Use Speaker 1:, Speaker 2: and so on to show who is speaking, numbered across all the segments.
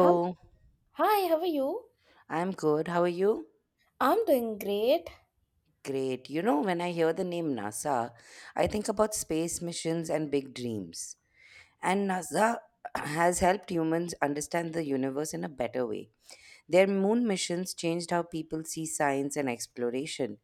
Speaker 1: Hum- Hi, how are you?
Speaker 2: I'm good. How are you?
Speaker 1: I'm doing great.
Speaker 2: Great. You know, when I hear the name NASA, I think about space missions and big dreams. And NASA has helped humans understand the universe in a better way. Their moon missions changed how people see science and exploration.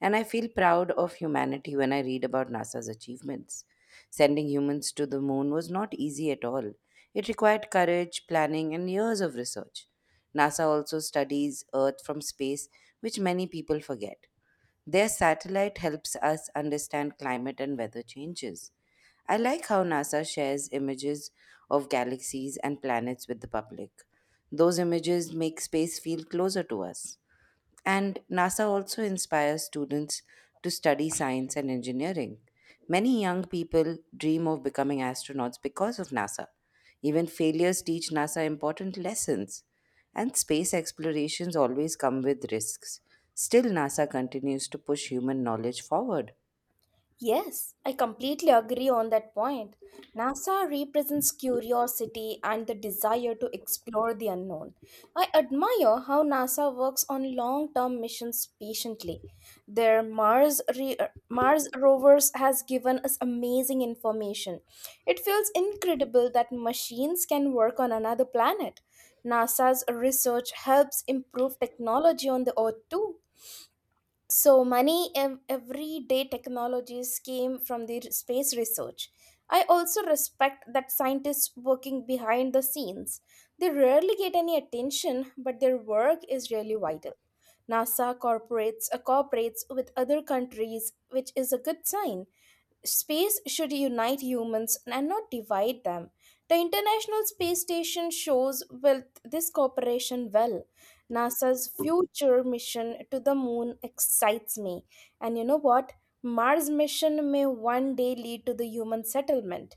Speaker 2: And I feel proud of humanity when I read about NASA's achievements. Sending humans to the moon was not easy at all. It required courage, planning, and years of research. NASA also studies Earth from space, which many people forget. Their satellite helps us understand climate and weather changes. I like how NASA shares images of galaxies and planets with the public. Those images make space feel closer to us. And NASA also inspires students to study science and engineering. Many young people dream of becoming astronauts because of NASA. Even failures teach NASA important lessons. And space explorations always come with risks. Still, NASA continues to push human knowledge forward.
Speaker 1: Yes, I completely agree on that point. NASA represents curiosity and the desire to explore the unknown. I admire how NASA works on long term missions patiently. Mars rovers has given us amazing information. It feels incredible that machines can work on another planet. NASA's research helps improve technology on the Earth too. So, everyday technologies came from space research. I also respect that scientists working behind the scenes. They rarely get any attention, but their work is really vital. NASA corporates cooperates with other countries, which is a good sign. Space should unite humans and not divide them. The International Space Station shows with this cooperation well. NASA's future mission to the moon excites me. And you know what? Mars mission may one day lead to the human settlement.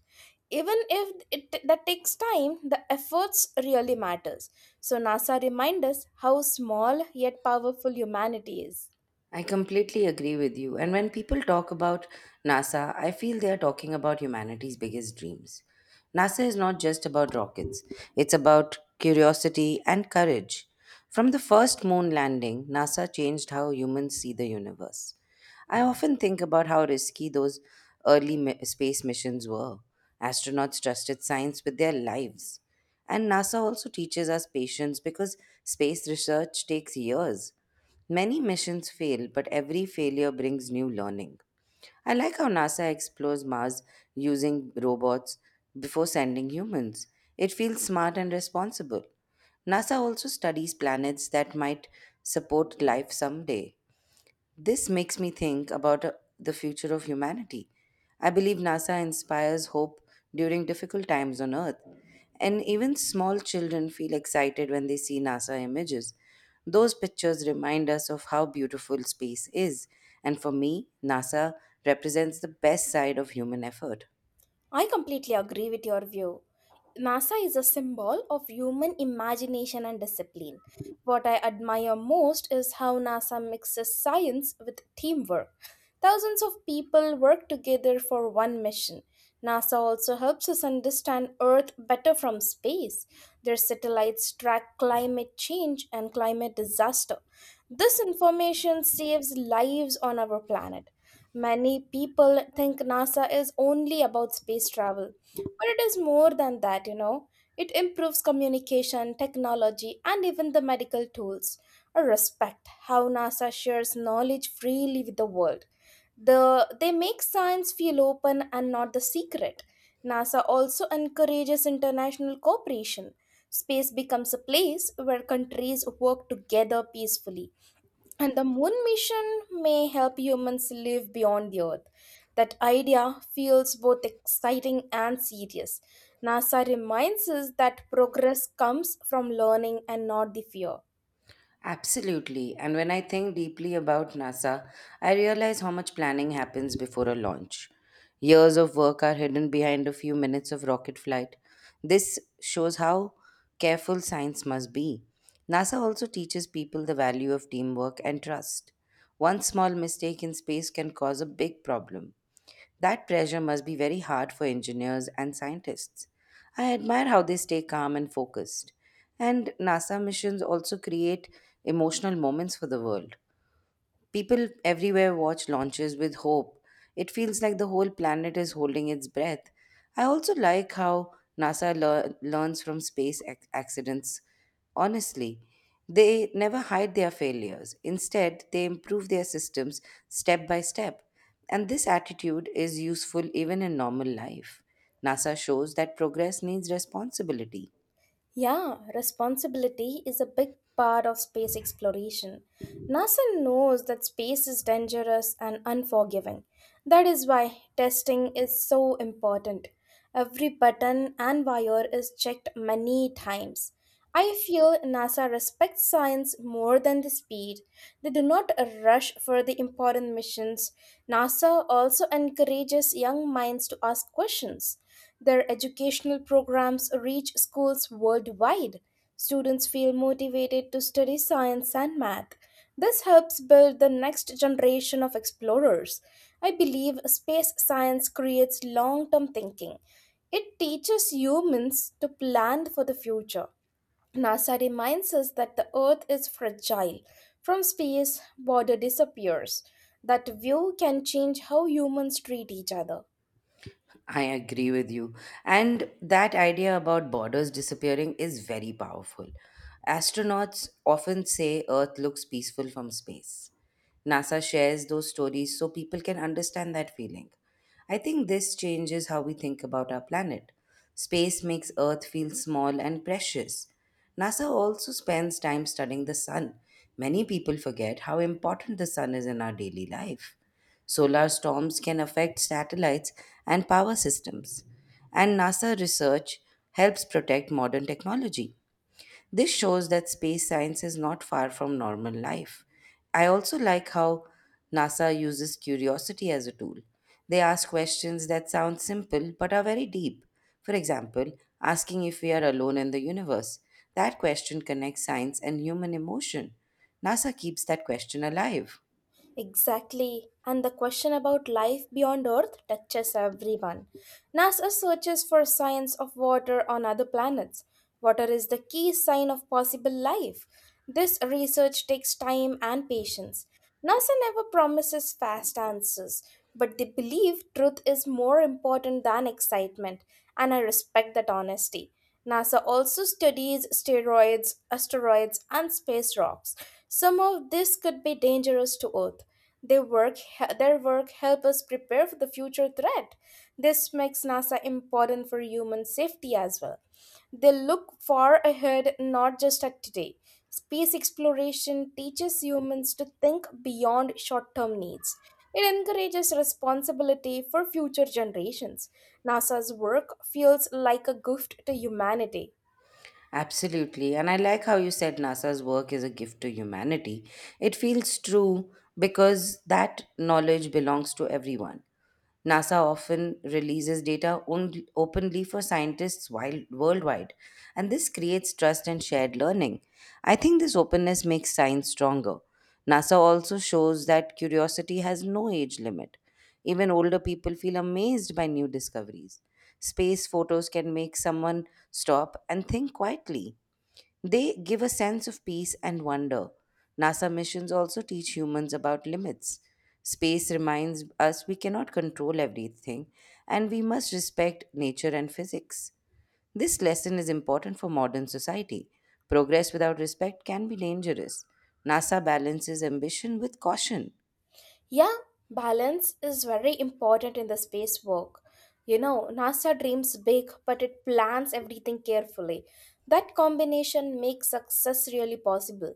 Speaker 1: Even if it that takes time, the efforts really matters. So NASA reminds us how small yet powerful humanity is.
Speaker 2: I completely agree with you. And when people talk about NASA, I feel they are talking about humanity's biggest dreams. NASA is not just about rockets, it's about curiosity and courage. From the first moon landing, NASA changed how humans see the universe. I often think about how risky those early space missions were. Astronauts trusted science with their lives. And NASA also teaches us patience because space research takes years. Many missions fail, but every failure brings new learning. I like how NASA explores Mars using robots before sending humans. It feels smart and responsible. NASA also studies planets that might support life someday. This makes me think about the future of humanity. I believe NASA inspires hope during difficult times on Earth, and even small children feel excited when they see NASA images. Those pictures remind us of how beautiful space is, and for me, NASA represents the best side of human effort.
Speaker 1: I completely agree with your view. NASA is a symbol of human imagination and discipline. What I admire most is how NASA mixes science with teamwork. Thousands of people work together for one mission. NASA also helps us understand Earth better from space. Their satellites track climate change and climate disaster. This information saves lives on our planet. Many people think NASA is only about space travel, but it is more than that. It improves communication, technology, and even the medical tools. I respect how NASA shares knowledge freely with the world. The, they make science feel open and not the secret. NASA also encourages international cooperation. Space becomes a place where countries work together peacefully and the moon mission may help humans live beyond the earth. That idea feels both exciting and serious. NASA reminds us that progress comes from learning and not the fear.
Speaker 2: Absolutely. And when I think deeply about NASA, I realize how much planning happens before a launch. Years of work are hidden behind a few minutes of rocket flight. This shows how careful science must be. NASA also teaches people the value of teamwork and trust. One small mistake in space can cause a big problem. That pressure must be very hard for engineers and scientists. I admire how they stay calm and focused. And NASA missions also create emotional moments for the world. People everywhere watch launches with hope. It feels like the whole planet is holding its breath. I also like how NASA learns from space accidents. Honestly, they never hide their failures. Instead, they improve their systems step by step. And this attitude is useful even in normal life. NASA shows that progress needs responsibility.
Speaker 1: Yeah, responsibility is a big part of space exploration. NASA knows that space is dangerous and unforgiving. That is why testing is so important. Every button and wire is checked many times. I feel NASA respects science more than the speed. They do not rush for the important missions. NASA also encourages young minds to ask questions. Their educational programs reach schools worldwide. Students feel motivated to study science and math. This helps build the next generation of explorers. I believe space science creates long term thinking. It teaches humans to plan for the future. NASA reminds us that the Earth is fragile. From space, border disappears. That view can change how humans treat each other.
Speaker 2: I agree with you. And that idea about borders disappearing is very powerful. Astronauts often say Earth looks peaceful from space. NASA shares those stories so people can understand that feeling. I think this changes how we think about our planet. Space makes Earth feel small and precious. NASA also spends time studying the sun. Many people forget how important the sun is in our daily life. Solar storms can affect satellites and power systems, and NASA research helps protect modern technology. This shows that space science is not far from normal life. I also like how NASA uses curiosity as a tool. They ask questions that sound simple but are very deep. For example, asking if we are alone in the universe. That question connects science and human emotion. NASA keeps that question alive.
Speaker 1: Exactly. And the question about life beyond Earth touches everyone. NASA searches for signs of water on other planets. Water is the key sign of possible life. This research takes time and patience. NASA never promises fast answers, but they believe truth is more important than excitement, and I respect that honesty. NASA also studies steroids, asteroids, and space rocks. Some of this could be dangerous to Earth. They work, their work help us prepare for the future threat. This makes NASA important for human safety as well. They look far ahead, not just at today. Space exploration teaches humans to think beyond short term needs. It encourages responsibility for future generations. NASA's work feels like a gift to humanity.
Speaker 2: Absolutely. And I like how you said NASA's work is a gift to humanity. It feels true because that knowledge belongs to everyone. NASA often releases data on- openly for scientists worldwide, and this creates trust and shared learning. I think this openness makes science stronger. NASA also shows that curiosity has no age limit. Even older people feel amazed by new discoveries. Space photos can make someone stop and think quietly. They give a sense of peace and wonder. NASA missions also teach humans about limits. Space reminds us we cannot control everything and we must respect nature and physics. This lesson is important for modern society. Progress without respect can be dangerous. NASA balances ambition with caution.
Speaker 1: Yeah, balance is very important in the space work. You know, NASA dreams big, but it plans everything carefully. That combination makes success really possible.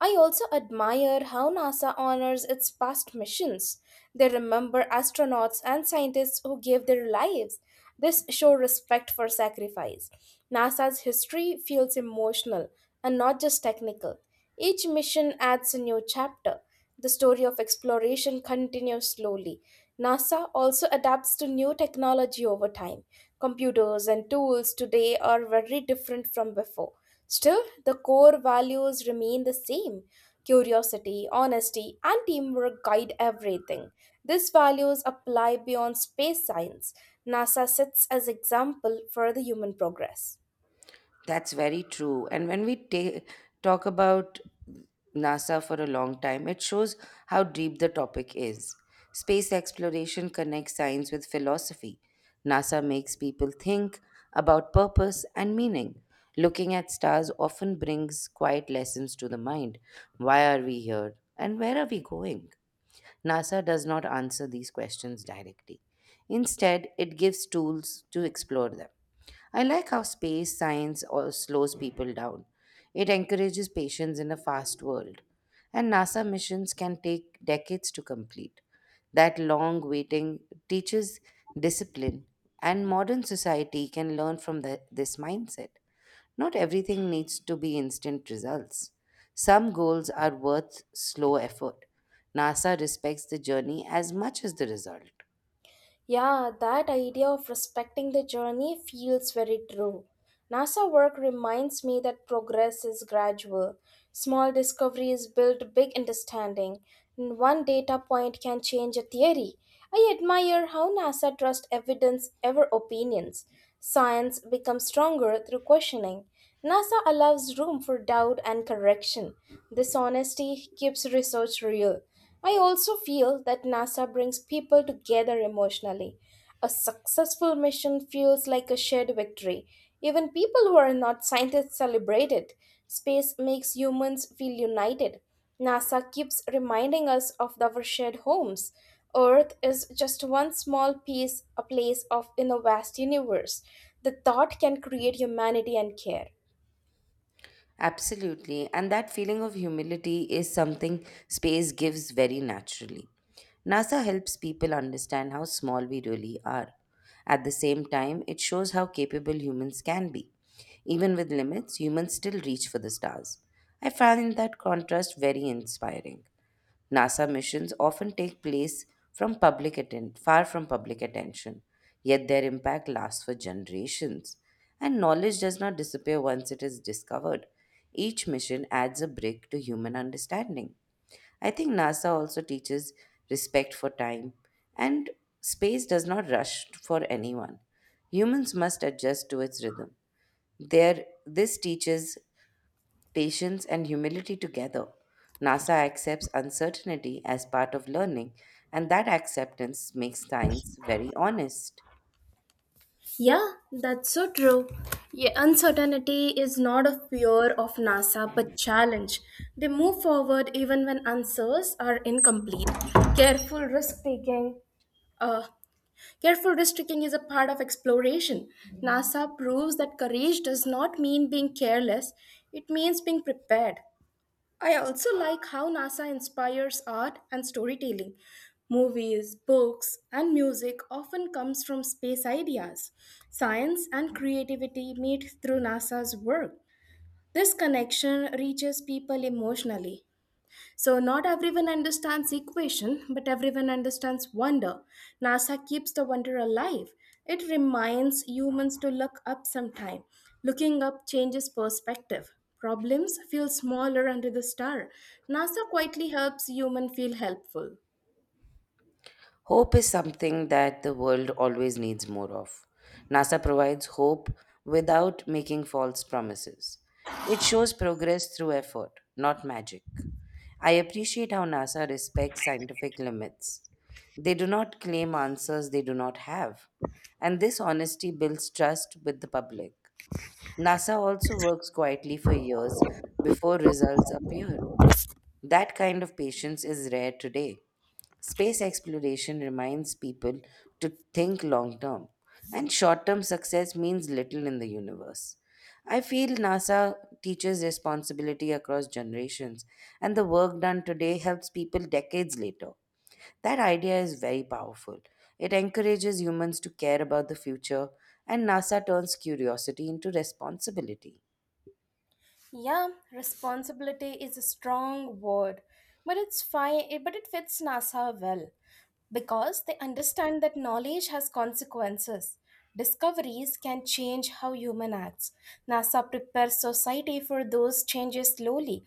Speaker 1: I also admire how NASA honors its past missions. They remember astronauts and scientists who gave their lives. This shows respect for sacrifice. NASA's history feels emotional and not just technical. Each mission adds a new chapter. The story of exploration continues slowly. NASA also adapts to new technology over time. Computers and tools today are very different from before. Still, the core values remain the same. Curiosity, honesty, and teamwork guide everything. These values apply beyond space science. NASA sits as example for the human progress.
Speaker 2: That's very true. And when we talk about NASA for a long time, it shows how deep the topic is. Space exploration connects science with philosophy. NASA makes people think about purpose and meaning. Looking at stars often brings quiet lessons to the mind. Why are we here? And where are we going? NASA does not answer these questions directly. Instead, it gives tools to explore them. I like how space science or slows people down. It encourages patience in a fast world. And NASA missions can take decades to complete. That long waiting teaches discipline, and modern society can learn from this mindset. Not everything needs to be instant results. Some goals are worth slow effort. NASA respects the journey as much as the result.
Speaker 1: Yeah, that idea of respecting the journey feels very true. NASA work reminds me that progress is gradual. Small discoveries build big understanding, and one data point can change a theory. I admire how NASA trusts evidence over opinions. Science becomes stronger through questioning. NASA allows room for doubt and correction. This honesty keeps research real. I also feel that NASA brings people together emotionally. A successful mission feels like a shared victory. Even people who are not scientists celebrate it. Space makes humans feel united. NASA keeps reminding us of our shared homes. Earth is just one small piece, a place of in a vast universe. The thought can create humanity and care.
Speaker 2: Absolutely. And that feeling of humility is something space gives very naturally. NASA helps people understand how small we really are. At the same time, it shows how capable humans can be. Even with limits, humans still reach for the stars. I find that contrast very inspiring. NASA missions often take place far from public attention, yet their impact lasts for generations. And knowledge does not disappear once it is discovered. Each mission adds a brick to human understanding. I think NASA also teaches respect for time, and space does not rush for anyone. Humans must adjust to its rhythm. This teaches patience, and humility together. NASA accepts uncertainty as part of learning, and that acceptance makes science very honest.
Speaker 1: Yeah, that's so true. Yeah, uncertainty is not a fear of NASA but challenge. They move forward even when answers are incomplete. Careful risk taking. Uh, Careful risk taking is a part of exploration. NASA proves that courage does not mean being careless, it means being prepared. I also like how NASA inspires art and storytelling. Movies, books, and music often comes from space ideas, science and creativity meet through NASA's work. This connection reaches people emotionally. So, not everyone understands equation, but everyone understands wonder. NASA keeps the wonder alive. It reminds humans to look up sometime. Looking up changes perspective. Problems feel smaller under the star. NASA quietly helps human feel helpful.
Speaker 2: Hope is something that the world always needs more of. NASA provides hope without making false promises. It shows progress through effort, not magic. I appreciate how NASA respects scientific limits. They do not claim answers they do not have, and this honesty builds trust with the public. NASA also works quietly for years before results appear. That kind of patience is rare today. Space exploration reminds people to think long term, and short term success means little in the universe. I feel NASA teaches responsibility across generations, and the work done today helps people decades later. That idea is very powerful. It encourages humans to care about the future, and NASA turns curiosity into responsibility.
Speaker 1: Yeah, responsibility is a strong word, but it's fine, but it fits NASA well. Because they understand that knowledge has consequences. Discoveries can change how human acts. NASA prepares society for those changes slowly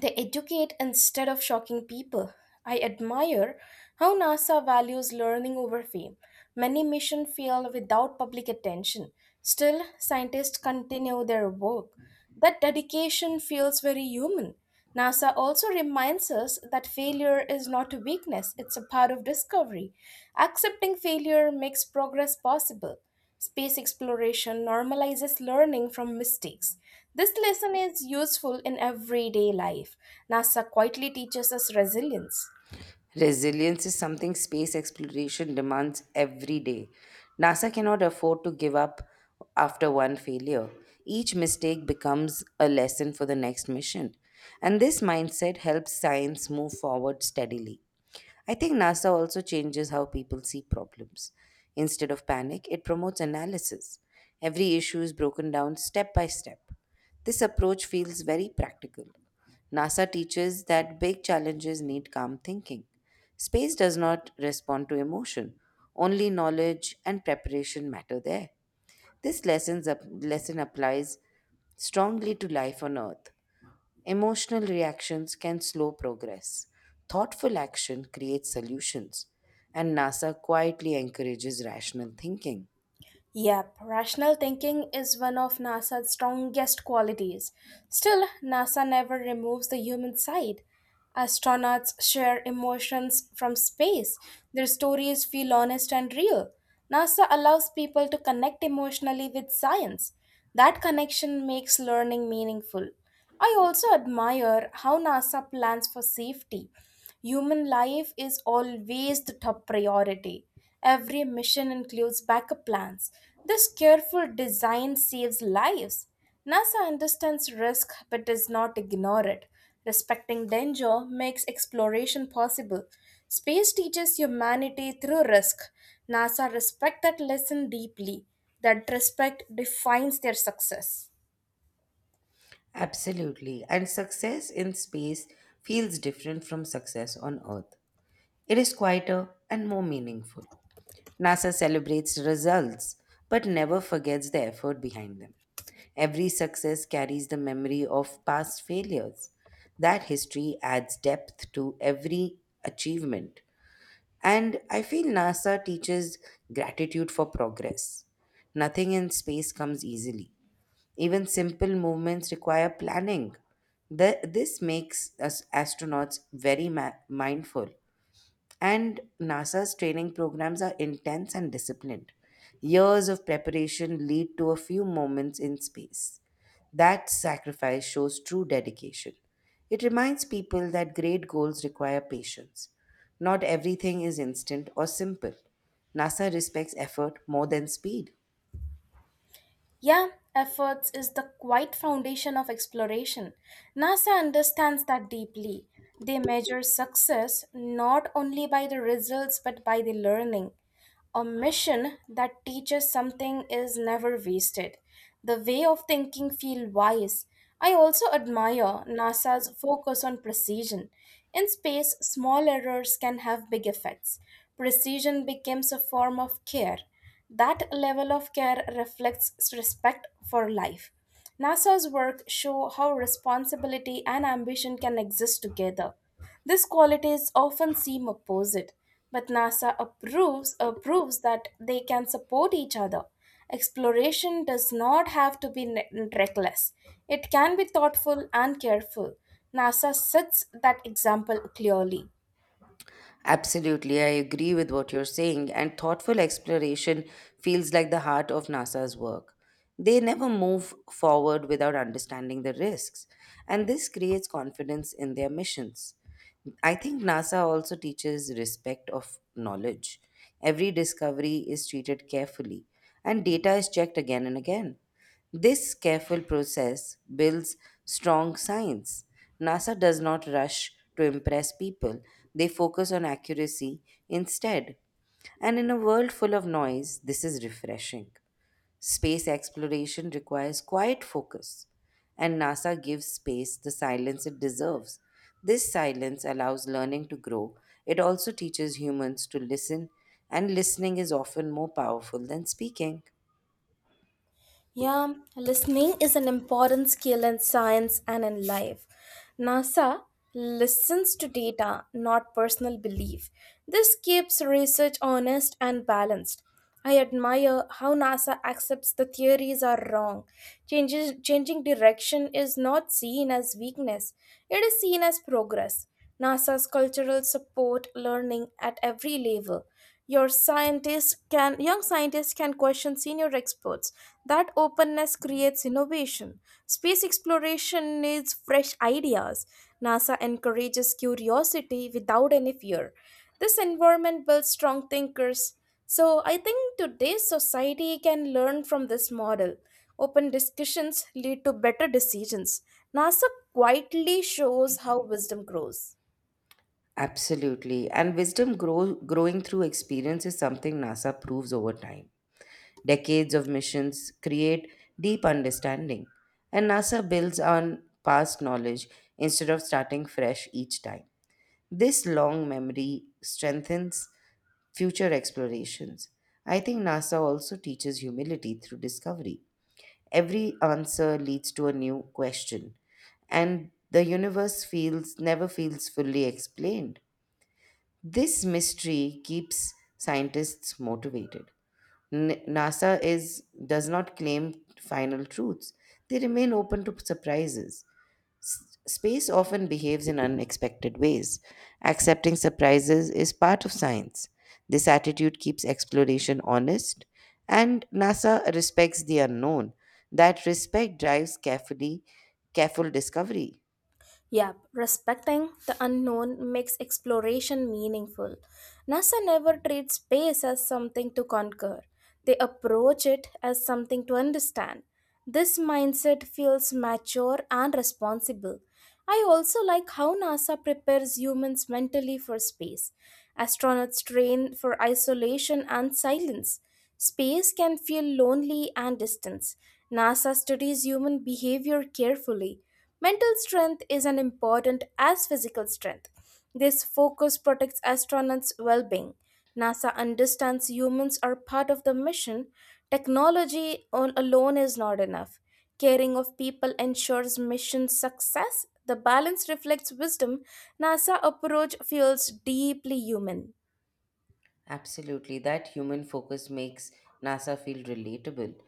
Speaker 1: they educate instead of shocking people. I admire how NASA values learning over fame. Many missions fail without public attention. Still, scientists continue their work. That dedication feels very human. NASA also reminds us that failure is not a weakness, it's a part of discovery. Accepting failure makes progress possible. Space exploration normalizes learning from mistakes. This lesson is useful in everyday life. NASA quietly teaches us resilience.
Speaker 2: Resilience is something space exploration demands every day. NASA cannot afford to give up after one failure. Each mistake becomes a lesson for the next mission. And this mindset helps science move forward steadily. I think NASA also changes how people see problems. Instead of panic, it promotes analysis. Every issue is broken down step by step. This approach feels very practical. NASA teaches that big challenges need calm thinking. Space does not respond to emotion, only knowledge and preparation matter there. This lesson applies strongly to life on Earth. Emotional reactions can slow progress. Thoughtful action creates solutions, and NASA quietly encourages rational thinking.
Speaker 1: Yep, rational thinking is one of NASA's strongest qualities. Still, NASA never removes the human side. Astronauts share emotions from space. Their stories feel honest and real. NASA allows people to connect emotionally with science. That connection makes learning meaningful. I also admire how NASA plans for safety. Human life is always the top priority. Every mission includes backup plans. This careful design saves lives. NASA understands risk but does not ignore it. Respecting danger makes exploration possible. Space teaches humanity through risk. NASA respect that lesson deeply. That respect defines their success.
Speaker 2: Absolutely. And success in space feels different from success on Earth. It is quieter and more meaningful. NASA celebrates results but never forgets the effort behind them. Every success carries the memory of past failures. That history adds depth to every achievement. And I feel NASA teaches gratitude for progress. Nothing in space comes easily. Even simple movements require planning. This makes us astronauts very mindful and NASA's training programs are intense and disciplined. Years of preparation lead to a few moments in space. That sacrifice shows true dedication. It reminds people that great goals require patience. Not everything is instant or simple. NASA respects effort more than speed.
Speaker 1: Yeah, efforts is the quiet foundation of exploration. NASA understands that deeply. They measure success not only by the results but by the learning. A mission that teaches something is never wasted. The way of thinking feel wise. I also admire NASA's focus on precision. In space, small errors can have big effects. Precision becomes a form of care. That level of care reflects respect for life. NASA's work show how responsibility and ambition can exist together. These qualities often seem opposite, but NASA approves proves that they can support each other. Exploration does not have to be reckless. It can be thoughtful and careful. NASA sets that example clearly.
Speaker 2: Absolutely, I agree with what you're saying, and thoughtful exploration feels like the heart of NASA's work. They never move forward without understanding the risks, and this creates confidence in their missions. I think NASA also teaches respect of knowledge. Every discovery is treated carefully, and data is checked again and again. This careful process builds strong science. NASA does not rush to impress people, they focus on accuracy instead. And in a world full of noise, this is refreshing. Space exploration requires quiet focus, and NASA gives space the silence it deserves. This silence allows learning to grow. It also teaches humans to listen, and listening is often more powerful than speaking.
Speaker 1: Yeah, listening is an important skill in science and in life. NASA listens to data, not personal belief. This keeps research honest and balanced. I admire how NASA accepts the theories are wrong. Changing direction is not seen as weakness, it is seen as progress. NASA's cultural support learning at every level. Your scientists can Young scientists can question senior experts. That openness creates innovation. Space exploration needs fresh ideas. NASA encourages curiosity without any fear. This environment builds strong thinkers. So I think today's society can learn from this model. Open discussions lead to better decisions. NASA quietly shows how wisdom grows.
Speaker 2: Absolutely. And wisdom growing through experience is something NASA proves over time. Decades of missions create deep understanding, and NASA builds on past knowledge instead of starting fresh each time. This long memory strengthens future explorations. I think NASA also teaches humility through discovery. Every answer leads to a new question, and the universe feels never feels fully explained. This mystery keeps scientists motivated. N- NASA is does not claim final truths. They remain open to surprises. Space often behaves in unexpected ways. Accepting surprises is part of science. This attitude keeps exploration honest, and NASA respects the unknown. That respect drives carefully, careful discovery.
Speaker 1: Yep, respecting the unknown makes exploration meaningful. NASA never treats space as something to conquer, they approach it as something to understand. This mindset feels mature and responsible. I also like how NASA prepares humans mentally for space. Astronauts train for isolation and silence. Space can feel lonely and distant. NASA studies human behavior carefully. Mental strength is as important as physical strength. This focus protects astronauts' well being. NASA understands humans are part of the mission. Technology alone is not enough. Caring of people ensures mission success. The balance reflects wisdom. NASA approach feels deeply human.
Speaker 2: Absolutely, that human focus makes NASA feel relatable.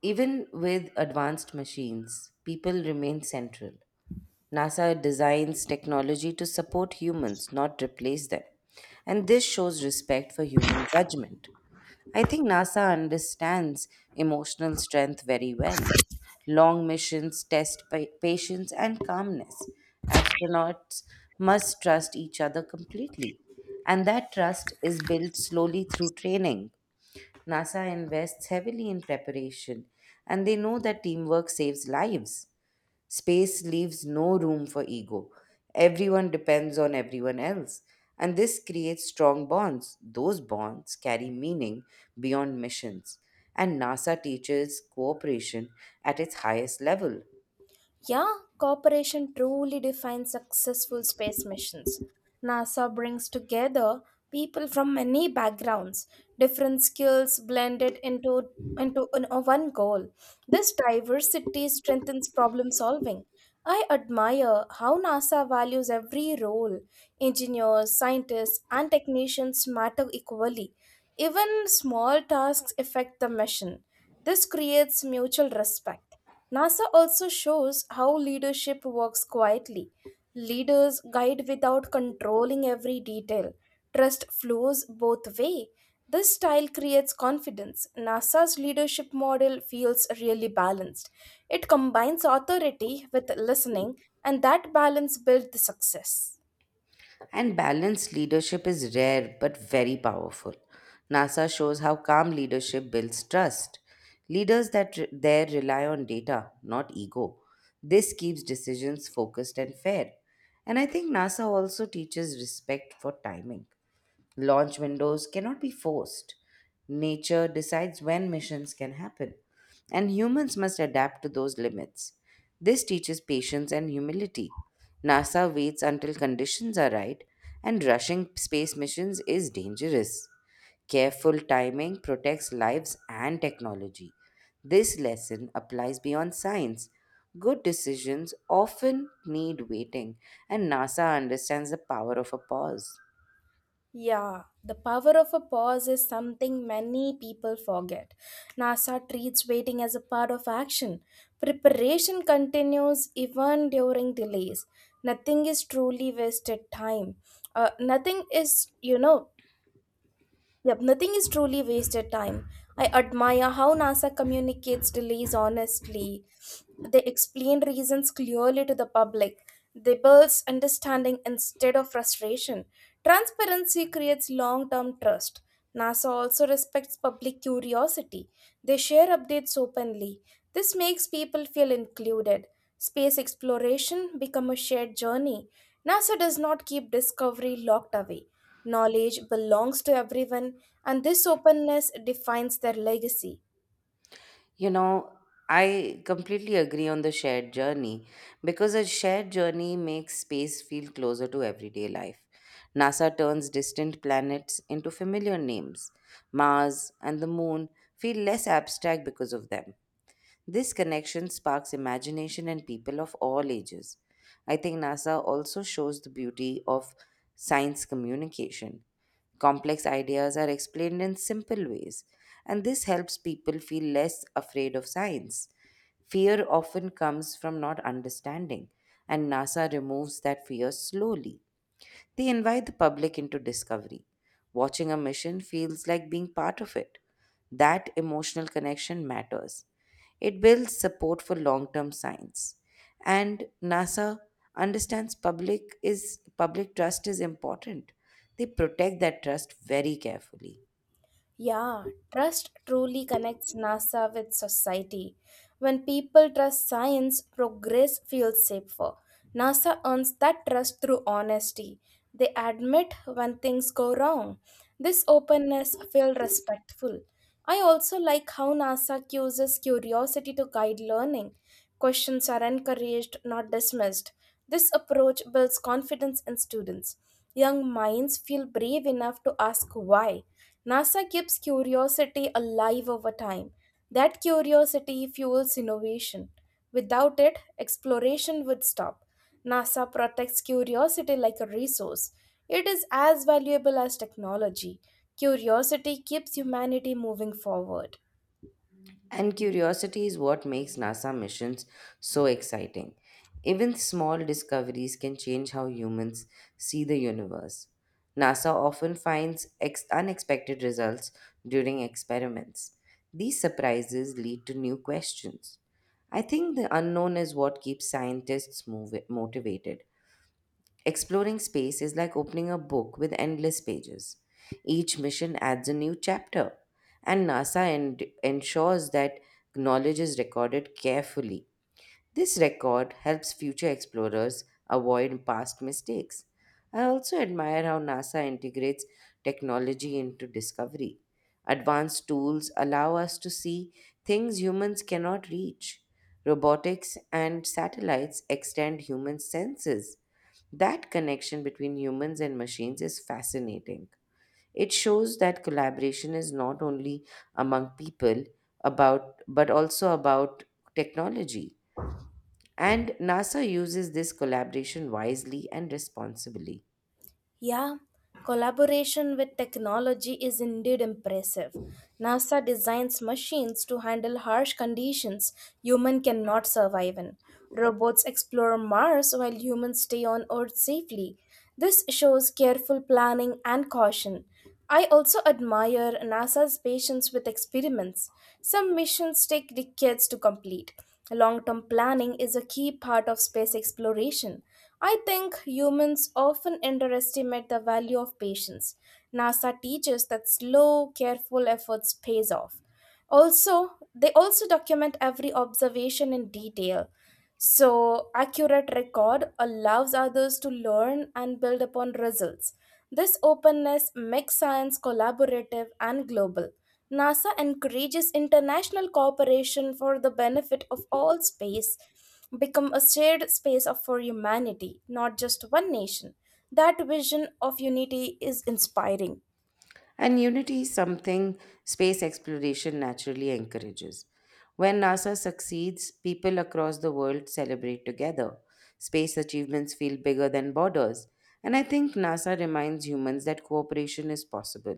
Speaker 2: Even with advanced machines, people remain central. NASA designs technology to support humans, not replace them. And this shows respect for human judgment. I think NASA understands emotional strength very well. Long missions test patience and calmness. Astronauts must trust each other completely. And that trust is built slowly through training. NASA invests heavily in preparation, and they know that teamwork saves lives. Space leaves no room for ego. Everyone depends on everyone else. And this creates strong bonds. Those bonds carry meaning beyond missions. And NASA teaches cooperation at its highest level.
Speaker 1: Yeah, cooperation truly defines successful space missions. NASA brings together people from many backgrounds, different skills blended into an- a one goal. This diversity strengthens problem solving. I admire how NASA values every role. Engineers, scientists, and technicians matter equally. Even small tasks affect the mission. This creates mutual respect. NASA also shows how leadership works quietly. Leaders guide without controlling every detail. Trust flows both way. This style creates confidence. NASA's leadership model feels really balanced. It combines authority with listening, and that balance builds the success.
Speaker 2: And balanced leadership is rare but very powerful. NASA shows how calm leadership builds trust. Leaders that re- there rely on data, not ego. This keeps decisions focused and fair. And I think NASA also teaches respect for timing. Launch windows cannot be forced. Nature decides when missions can happen, and humans must adapt to those limits. This teaches patience and humility. NASA waits until conditions are right, and rushing space missions is dangerous. Careful timing protects lives and technology. This lesson applies beyond science. Good decisions often need waiting, and NASA understands the power of a pause.
Speaker 1: Yeah, the power of a pause is something many people forget. NASA treats waiting as a part of action. Preparation continues even during delays. Nothing is truly wasted time. Nothing is, you know, Yep, nothing is truly wasted time. I admire how NASA communicates delays honestly. They explain reasons clearly to the public. They build understanding instead of frustration. Transparency creates long term trust. NASA also respects public curiosity. They share updates openly. This makes people feel included. Space exploration becomes a shared journey. NASA does not keep discovery locked away. Knowledge belongs to everyone, and this openness defines their legacy.
Speaker 2: You know, I completely agree on the shared journey because a shared journey makes space feel closer to everyday life. NASA turns distant planets into familiar names. Mars and the moon feel less abstract because of them. This connection sparks imagination in people of all ages. I think NASA also shows the beauty of science communication. Complex ideas are explained in simple ways, and this helps people feel less afraid of science. Fear often comes from not understanding, and NASA removes that fear slowly. They invite the public into discovery. Watching a mission feels like being part of it. That emotional connection matters. It builds support for long term science. And NASA understands public trust is important. They protect that trust very carefully.
Speaker 1: Yeah, trust truly connects NASA with society. When people trust science, progress feels safer. NASA earns that trust through honesty. They admit when things go wrong. This openness feels respectful. I also like how NASA uses curiosity to guide learning. Questions are encouraged, not dismissed. This approach builds confidence in students. Young minds feel brave enough to ask why. NASA keeps curiosity alive over time. That curiosity fuels innovation. Without it, exploration would stop. NASA protects curiosity like a resource. It is as valuable as technology. Curiosity keeps humanity moving forward.
Speaker 2: And curiosity is what makes NASA missions so exciting. Even small discoveries can change how humans see the universe. NASA often finds unexpected results during experiments. These surprises lead to new questions. I think the unknown is what keeps scientists motivated. Exploring space is like opening a book with endless pages. Each mission adds a new chapter, and ensures that knowledge is recorded carefully. This record helps future explorers avoid past mistakes. I also admire how NASA integrates technology into discovery. Advanced tools allow us to see things humans cannot reach. Robotics and satellites extend human senses. That connection between humans and machines is fascinating. It shows that collaboration is not only among people about but also about technology. And NASA uses this collaboration wisely and responsibly.
Speaker 1: Yeah, collaboration with technology is indeed impressive. NASA designs machines to handle harsh conditions humans cannot survive in. Robots explore Mars while humans stay on Earth safely. This shows careful planning and caution. I also admire NASA's patience with experiments. Some missions take decades to complete. Long term planning is a key part of space exploration. I think humans often underestimate the value of patience. NASA teaches that slow, careful efforts pays off. Also, they also document every observation in detail. So, accurate record allows others to learn and build upon results. This openness makes science collaborative and global. NASA encourages international cooperation for the benefit of all space, become a shared space of for humanity, not just one nation. That vision of unity is inspiring.
Speaker 2: And unity is something space exploration naturally encourages. When NASA succeeds, people across the world celebrate together. Space achievements feel bigger than borders. And I think NASA reminds humans that cooperation is possible.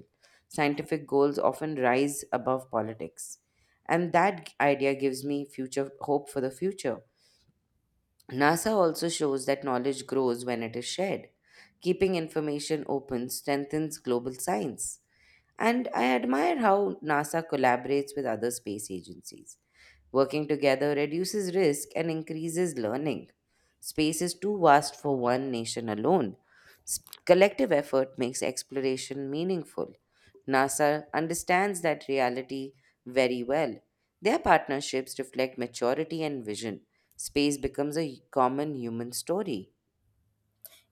Speaker 2: Scientific goals often rise above politics. And that idea gives me future hope for the future. NASA also shows that knowledge grows when it is shared. Keeping information open strengthens global science. And I admire how NASA collaborates with other space agencies. Working together reduces risk and increases learning. Space is too vast for one nation alone. Collective effort makes exploration meaningful. NASA understands that reality very well. Their partnerships reflect maturity and vision. Space becomes a common human story.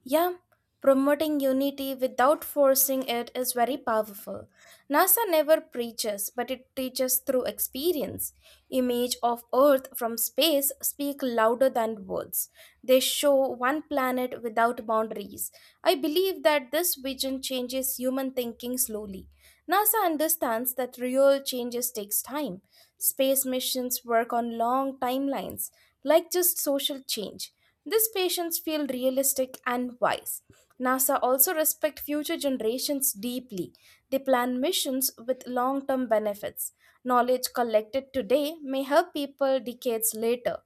Speaker 1: Yeah, promoting unity without forcing it is very powerful. NASA never preaches, but it teaches through experience. Image of Earth from space speak louder than words. They show one planet without boundaries. I believe that this vision changes human thinking slowly. NASA understands that real changes takes time. Space missions work on long timelines, like just social change. These patients feel realistic and wise. NASA also respects future generations deeply. They plan missions with long-term benefits. Knowledge collected today may help people decades later.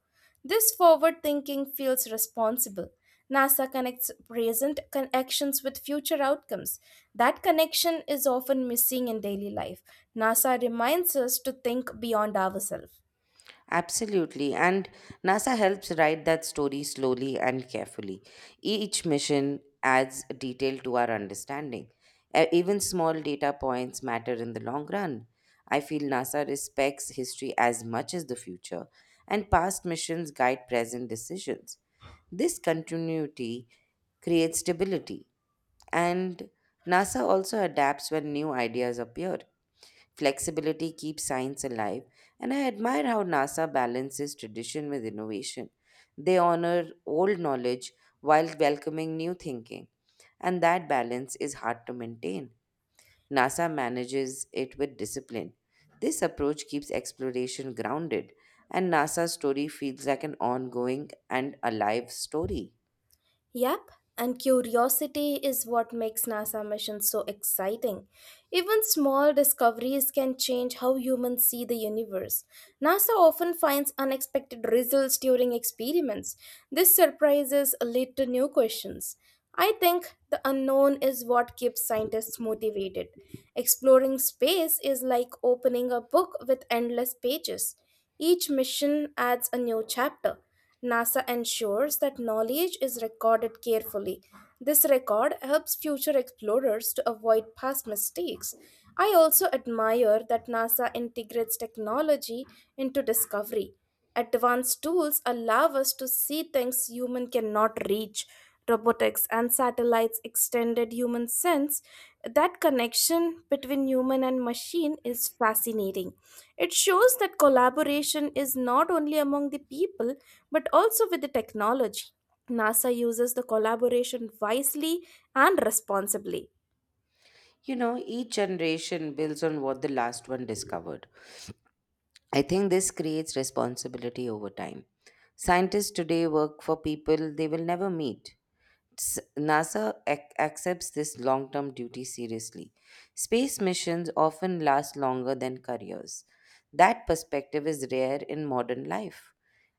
Speaker 1: This forward thinking feels responsible. NASA connects actions with future outcomes. That connection is often missing in daily life. NASA reminds us to think beyond ourselves.
Speaker 2: Absolutely. And NASA helps write that story slowly and carefully. Each mission adds detail to our understanding. Even small data points matter in the long run. I feel NASA respects history as much as the future, and past missions guide present decisions. This continuity creates stability, and NASA also adapts when new ideas appear. Flexibility keeps science alive, and I admire how NASA balances tradition with innovation. They honor old knowledge while welcoming new thinking, and that balance is hard to maintain. NASA manages it with discipline. This approach keeps exploration grounded, and NASA's story feels like an ongoing and alive story.
Speaker 1: Yep, and curiosity is what makes NASA missions so exciting. Even small discoveries can change how humans see the universe. NASA often finds unexpected results during experiments. These surprises lead to new questions. I think the unknown is what keeps scientists motivated. Exploring space is like opening a book with endless pages. Each mission adds a new chapter. NASA ensures that knowledge is recorded carefully. This record helps future explorers to avoid past mistakes. I also admire that NASA integrates technology into discovery. Advanced tools allow us to see things human cannot reach. Robotics and satellites extended human sense that connection between human and machine is fascinating. It shows that collaboration is not only among the people but also with the technology. NASA uses the collaboration wisely and responsibly.
Speaker 2: You know, each generation builds on what the last one discovered. I think this creates responsibility over time. Scientists today work for people they will never meet. Accepts this long term duty seriously. Space missions often last longer than careers. That perspective is rare in modern life,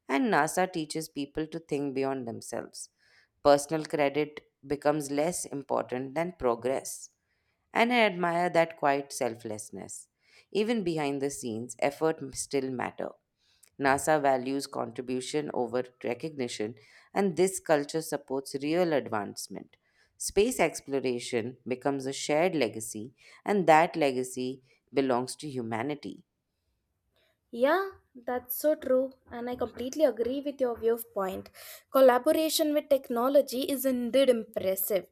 Speaker 2: and NASA teaches people to think beyond themselves. Personal credit becomes less important than progress, and I admire that quiet selflessness. Even behind the scenes, effort still matter. NASA values contribution over recognition, and this culture supports real advancement. Space exploration becomes a shared legacy, and that legacy belongs to humanity.
Speaker 1: Yeah, that's so true, and I completely agree with your viewpoint. Collaboration with technology is indeed impressive.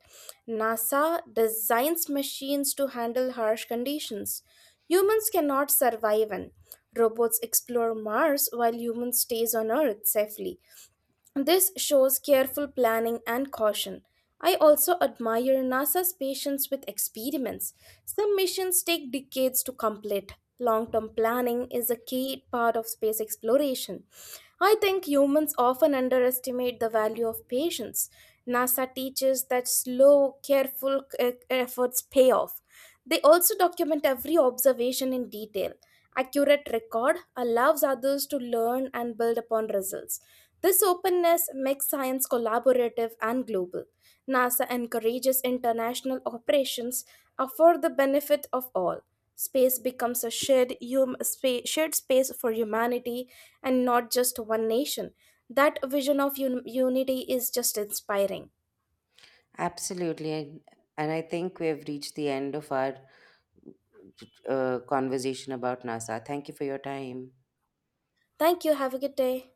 Speaker 1: NASA designs machines to handle harsh conditions. Humans cannot survive in. Robots explore Mars while humans stays on Earth safely. This shows careful planning and caution. I also admire NASA's patience with experiments. Some missions take decades to complete. Long term planning is a key part of space exploration. I think humans often underestimate the value of patience. NASA teaches that slow, efforts pay off. They also document every observation in detail. Accurate record allows others to learn and build upon results. This openness makes science collaborative and global. NASA encourages international operations for the benefit of all. Space becomes a shared space for humanity and not just one nation. That vision of unity is just inspiring.
Speaker 2: Absolutely. And I think we have reached the end of our conversation about NASA. Thank you for your time.
Speaker 1: Thank you. Have a good day.